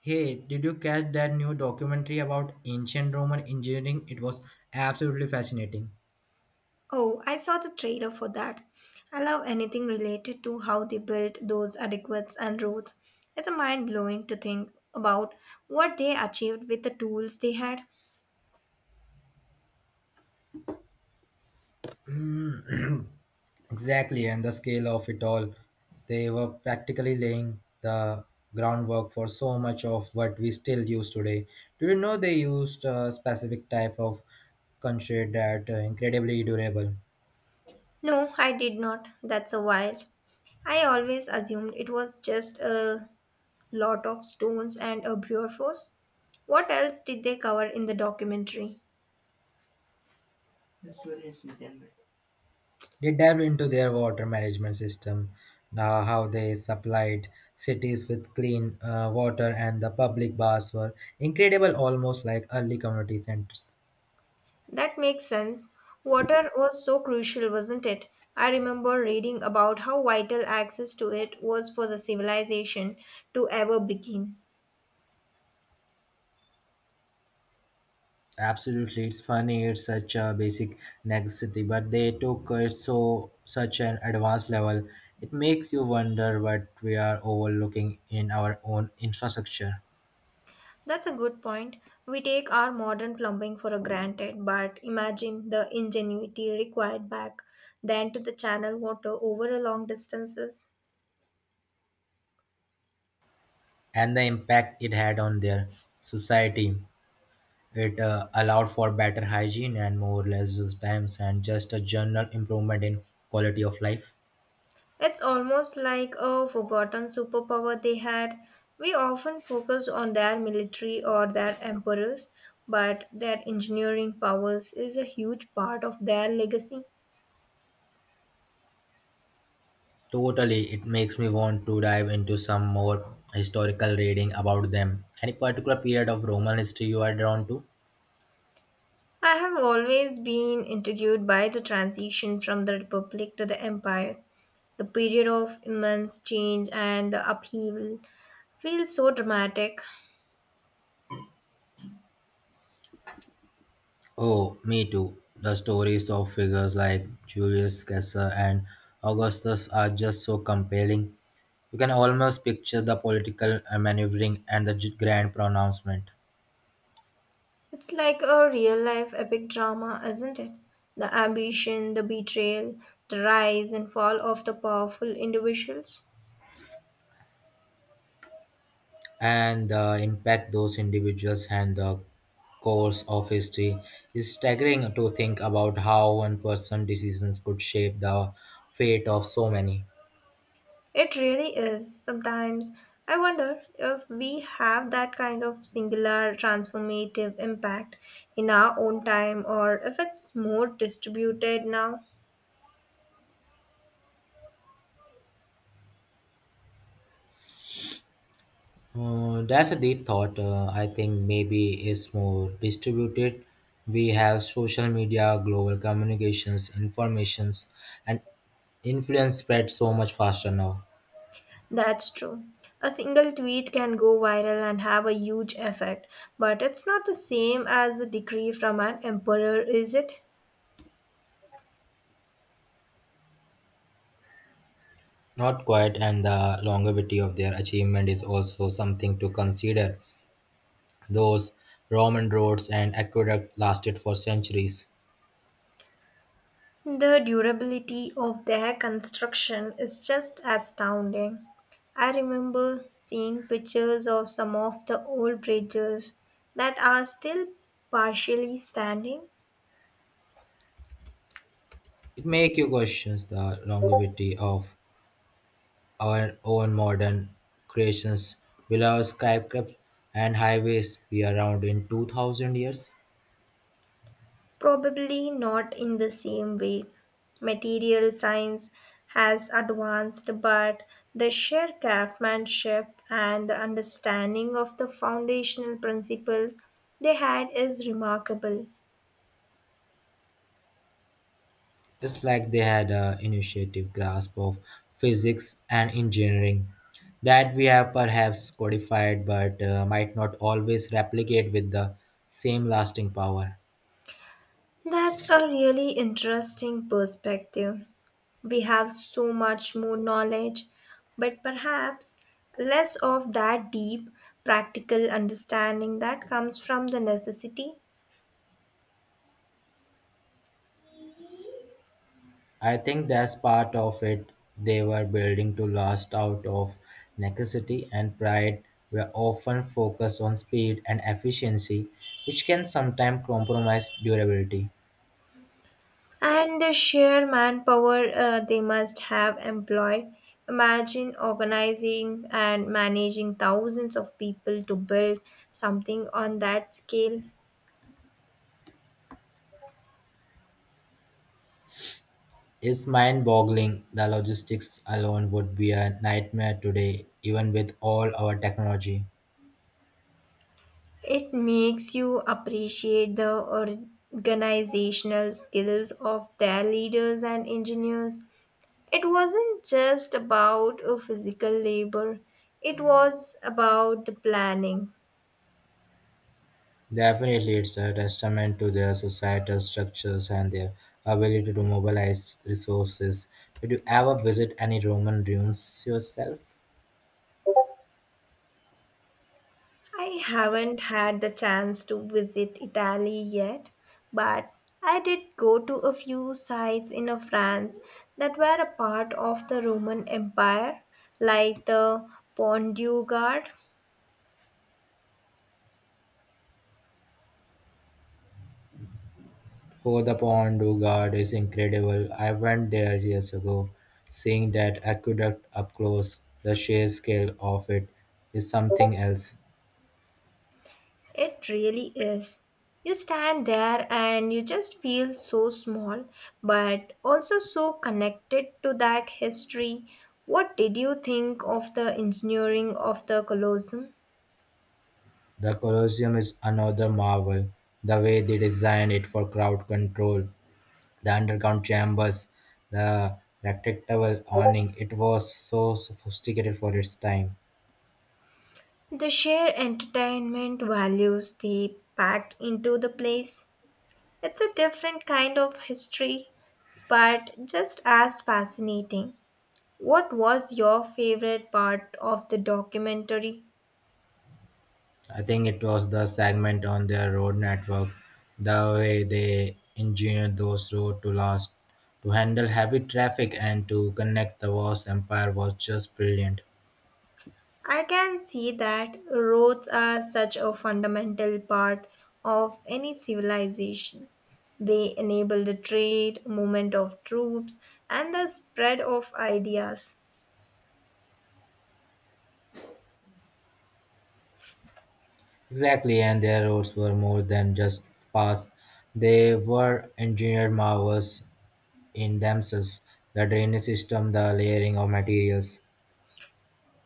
Hey, did you catch that new documentary about ancient Roman engineering? It was absolutely fascinating. Oh, I saw the trailer for that. I love anything related to how they built those aqueducts and roads. It's mind blowing to think about what they achieved with the tools they had. Exactly, and the scale of it all. They were practically laying the groundwork for so much of what we still use today. Do you know they used a specific type of concrete that incredibly durable? No, I did not. That's a while. I always assumed it was just a lot of stones and a brute force. What else did they cover in the documentary? They delved into their water management system, how they supplied cities with clean water, and the public baths were incredible, almost like early community centers. That makes sense. Water was so crucial, wasn't it? I remember reading about how vital access to it was for the civilization to ever begin. Absolutely, it's funny. It's such a basic necessity, but they took it so such an advanced level. It makes you wonder what we are overlooking in our own infrastructure That's a good point. We take our modern plumbing for granted, but imagine the ingenuity required back then to the channel water over a long distances. and the impact it had on their society. It allowed for better hygiene and more leisure times and just a general improvement in quality of life. It's almost like a forgotten superpower they had. We often focus on their military or their emperors, but their engineering powers is a huge part of their legacy. Totally, it makes me want to dive into some more historical reading about them. Any particular period of Roman history you are drawn to? I have always been intrigued by the transition from the Republic to the Empire. The period of immense change and the upheaval feels so dramatic. Oh, me too. The stories of figures like Julius Caesar and Augustus are just so compelling. You can almost picture the political maneuvering and the grand pronouncement. It's like a real life epic drama, isn't it? The ambition, the betrayal, the rise and fall of the powerful individuals. And the impact those individuals and the course of history is staggering to think about how one person's decisions could shape the fate of so many. It really is. Sometimes I wonder if we have that kind of singular transformative impact in our own time or if it's more distributed now. That's a deep thought. I think maybe it's more distributed. We have social media, global communications, informations, and influence spread so much faster now. That's true. A single tweet can go viral and have a huge effect, but it's not the same as a decree from an emperor, is it? Not quite, and the longevity of their achievement is also something to consider. Those Roman roads and aqueduct lasted for centuries. The durability of their construction is just astounding. I remember seeing pictures of some of the old bridges that are still partially standing, It makes you question the longevity of our own modern creations. Will our skyscrapers and highways be around in 2000 years? probably not in the same way. Material science has advanced, but the sheer craftsmanship and the understanding of the foundational principles they had is remarkable. It's like they had an initiative grasp of physics and engineering that we have perhaps codified but might not always replicate with the same lasting power. That's a really interesting perspective. We have so much more knowledge, but perhaps less of that deep practical understanding that comes from the necessity I think that's part of it. They were building to last out of necessity and pride were often focused on speed and efficiency, which can sometimes compromise durability. and the sheer manpower they must have employed. Imagine organizing and managing thousands of people to build something on that scale. It's mind boggling. The logistics alone would be a nightmare today, even with all our technology. It makes you appreciate the organizational skills of their leaders and engineers. It wasn't just about a physical labor, it was about the planning. Definitely, it's a testament to their societal structures and their ability to mobilize resources. Did you ever visit any Roman ruins yourself? I haven't had the chance to visit Italy yet, but I did go to a few sites in France that were a part of the Roman Empire, like the Pont du Gard. Oh, the Pont du Gard is incredible. I went there years ago. Seeing that aqueduct up close, the sheer scale of it is something else. It really is. You stand there and you just feel so small, but also so connected to that history. What did you think of the engineering of the Colosseum? The Colosseum is another marvel. The way they designed it for crowd control, the underground chambers, the rectangular awning, it was so sophisticated for its time. The sheer entertainment values they packed into the place. It's a different kind of history, but just as fascinating. What was your favorite part of the documentary? I think it was the segment on their road network, the way they engineered those roads to last, to handle heavy traffic and to connect the vast empire was just brilliant. I can see that roads are such a fundamental part of any civilization. They enable the trade, movement of troops, and the spread of ideas. Exactly, and their roads were more than just paths; they were engineered marvels in themselves. The drainage system, the layering of materials.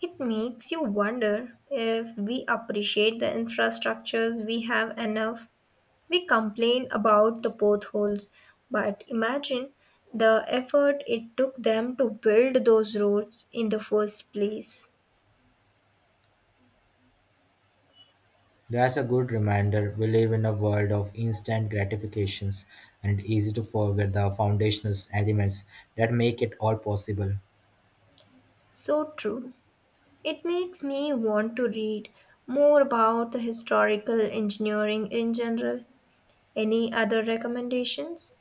It makes you wonder if we appreciate the infrastructures we have enough. We complain about the potholes, but imagine the effort it took them to build those roads in the first place. That's a good reminder. We live in a world of instant gratifications and it's easy to forget the foundational elements that make it all possible. So true. It makes me want to read more about the historical engineering in general. Any other recommendations?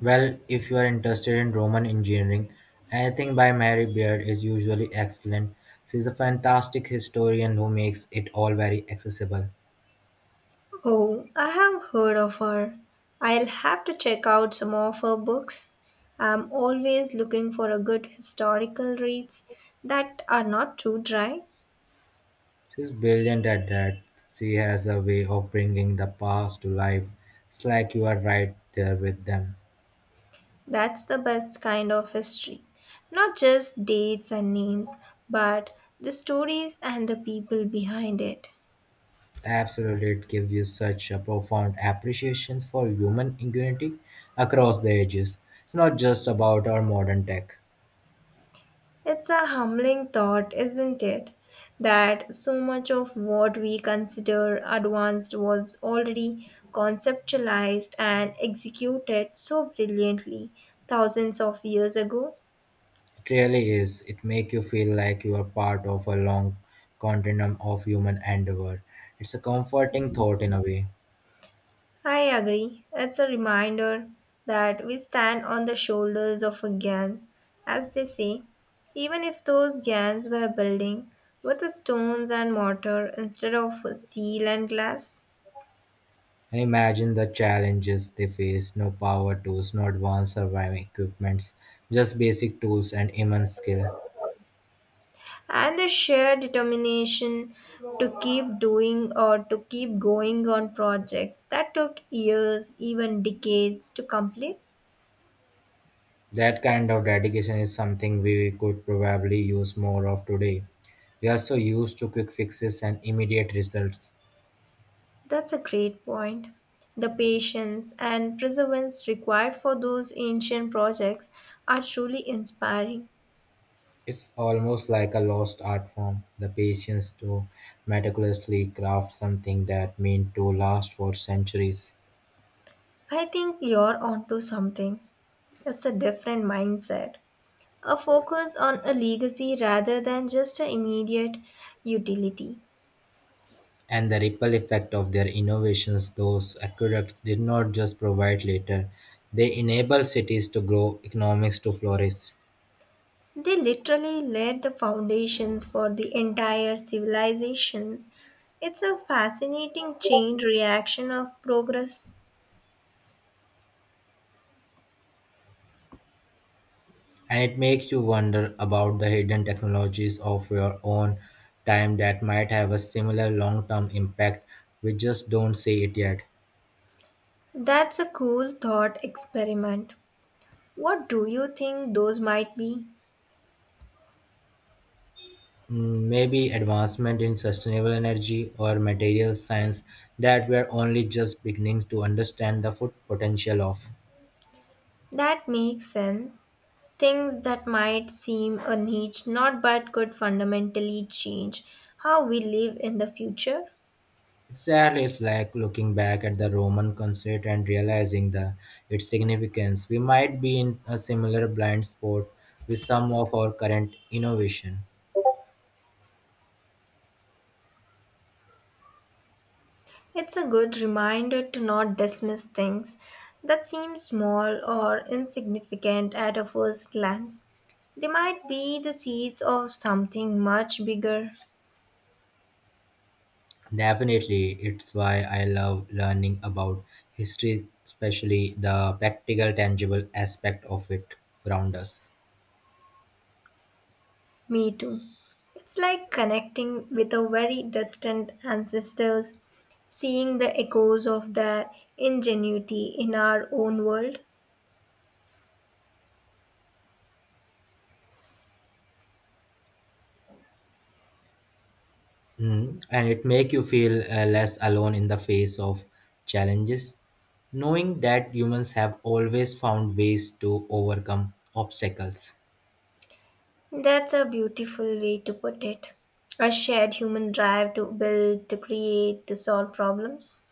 Well, if you are interested in Roman engineering, anything by Mary Beard is usually excellent. She's a fantastic historian who makes it all very accessible. Oh, I have heard of her. I'll have to check out some of her books. I'm always looking for a good historical reads that are not too dry. She's brilliant at that. She has a way of bringing the past to life. It's like you are right there with them. That's the best kind of history. Not just dates and names, but the stories and the people behind it. Absolutely, it gives you such a profound appreciation for human ingenuity across the ages. It's not just about our modern tech. It's a humbling thought, isn't it? That so much of what we consider advanced was already conceptualized and executed so brilliantly thousands of years ago. It really is. It makes you feel like you are part of a long continuum of human endeavor. It's a comforting thought in a way. I agree. It's a reminder that we stand on the shoulders of a giants, as they say, even if those giants were building with stones and mortar instead of steel and glass. And imagine the challenges they face: no power tools, no advanced surviving equipments, just basic tools and immense skill. And the sheer determination to keep doing or to keep going on projects that took years, even decades to complete. That kind of dedication is something we could probably use more of today. We are so used to quick fixes and immediate results. That's a great point. The patience and perseverance required for those ancient projects are truly inspiring. It's almost like a lost art form, the patience to meticulously craft something that meant to last for centuries. I think you're onto something. It's a different mindset. A focus on a legacy rather than just an immediate utility. And the ripple effect of their innovations, those aqueducts did not just provide later, they enabled cities to grow, economics to flourish. They literally laid the foundations for the entire civilizations. It's a fascinating chain reaction of progress. And it makes you wonder about the hidden technologies of your own time that might have a similar long term impact. We just don't see it yet. That's a cool thought experiment. What do you think those might be? Mm, maybe advancement in sustainable energy or material science that we're only just beginning to understand the full potential of. That makes sense. Things that might seem a niche not but could fundamentally change how we live in the future. Exactly, it's like looking back at the Roman concert and realizing the its significance. We might be in a similar blind spot with some of our current innovation. It's a good reminder to not dismiss things that seem small or insignificant at a first glance. They might be the seeds of something much bigger. Definitely, it's why I love learning about history, especially the practical, tangible aspect of it around us. Me too. It's like connecting with our very distant ancestors, seeing the echoes of their ingenuity in our own world. Mm. And it make you feel less alone in the face of challenges, knowing that humans have always found ways to overcome obstacles. That's a beautiful way to put it. A shared human drive to build, to create, to solve problems.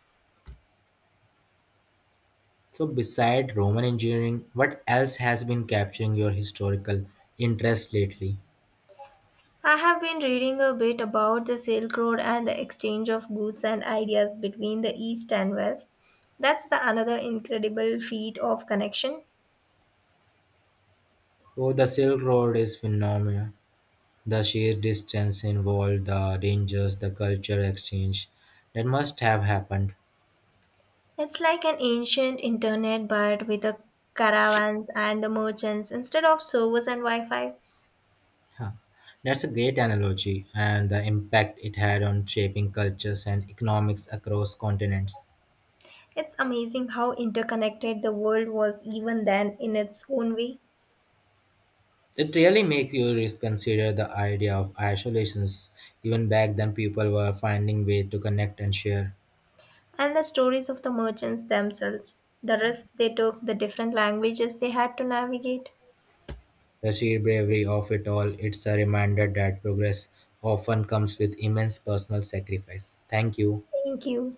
So, beside Roman engineering, what else has been capturing your historical interest lately? I have been reading a bit about the Silk Road and the exchange of goods and ideas between the East and West. That's the another incredible feat of connection. Oh, the Silk Road is phenomenal. The sheer distance involved, the dangers, the culture exchange that must have happened. It's like an ancient internet but with the caravans and the merchants instead of servers and Wi-Fi. Huh. That's a great analogy, and the impact it had on shaping cultures and economics across continents. It's amazing how interconnected the world was even then in its own way. It really makes you reconsider the idea of isolations. Even back then, people were finding ways to connect and share. And the stories of the merchants themselves, the risks they took, the different languages they had to navigate. The sheer bravery of it all, it's a reminder that progress often comes with immense personal sacrifice. Thank you. Thank you.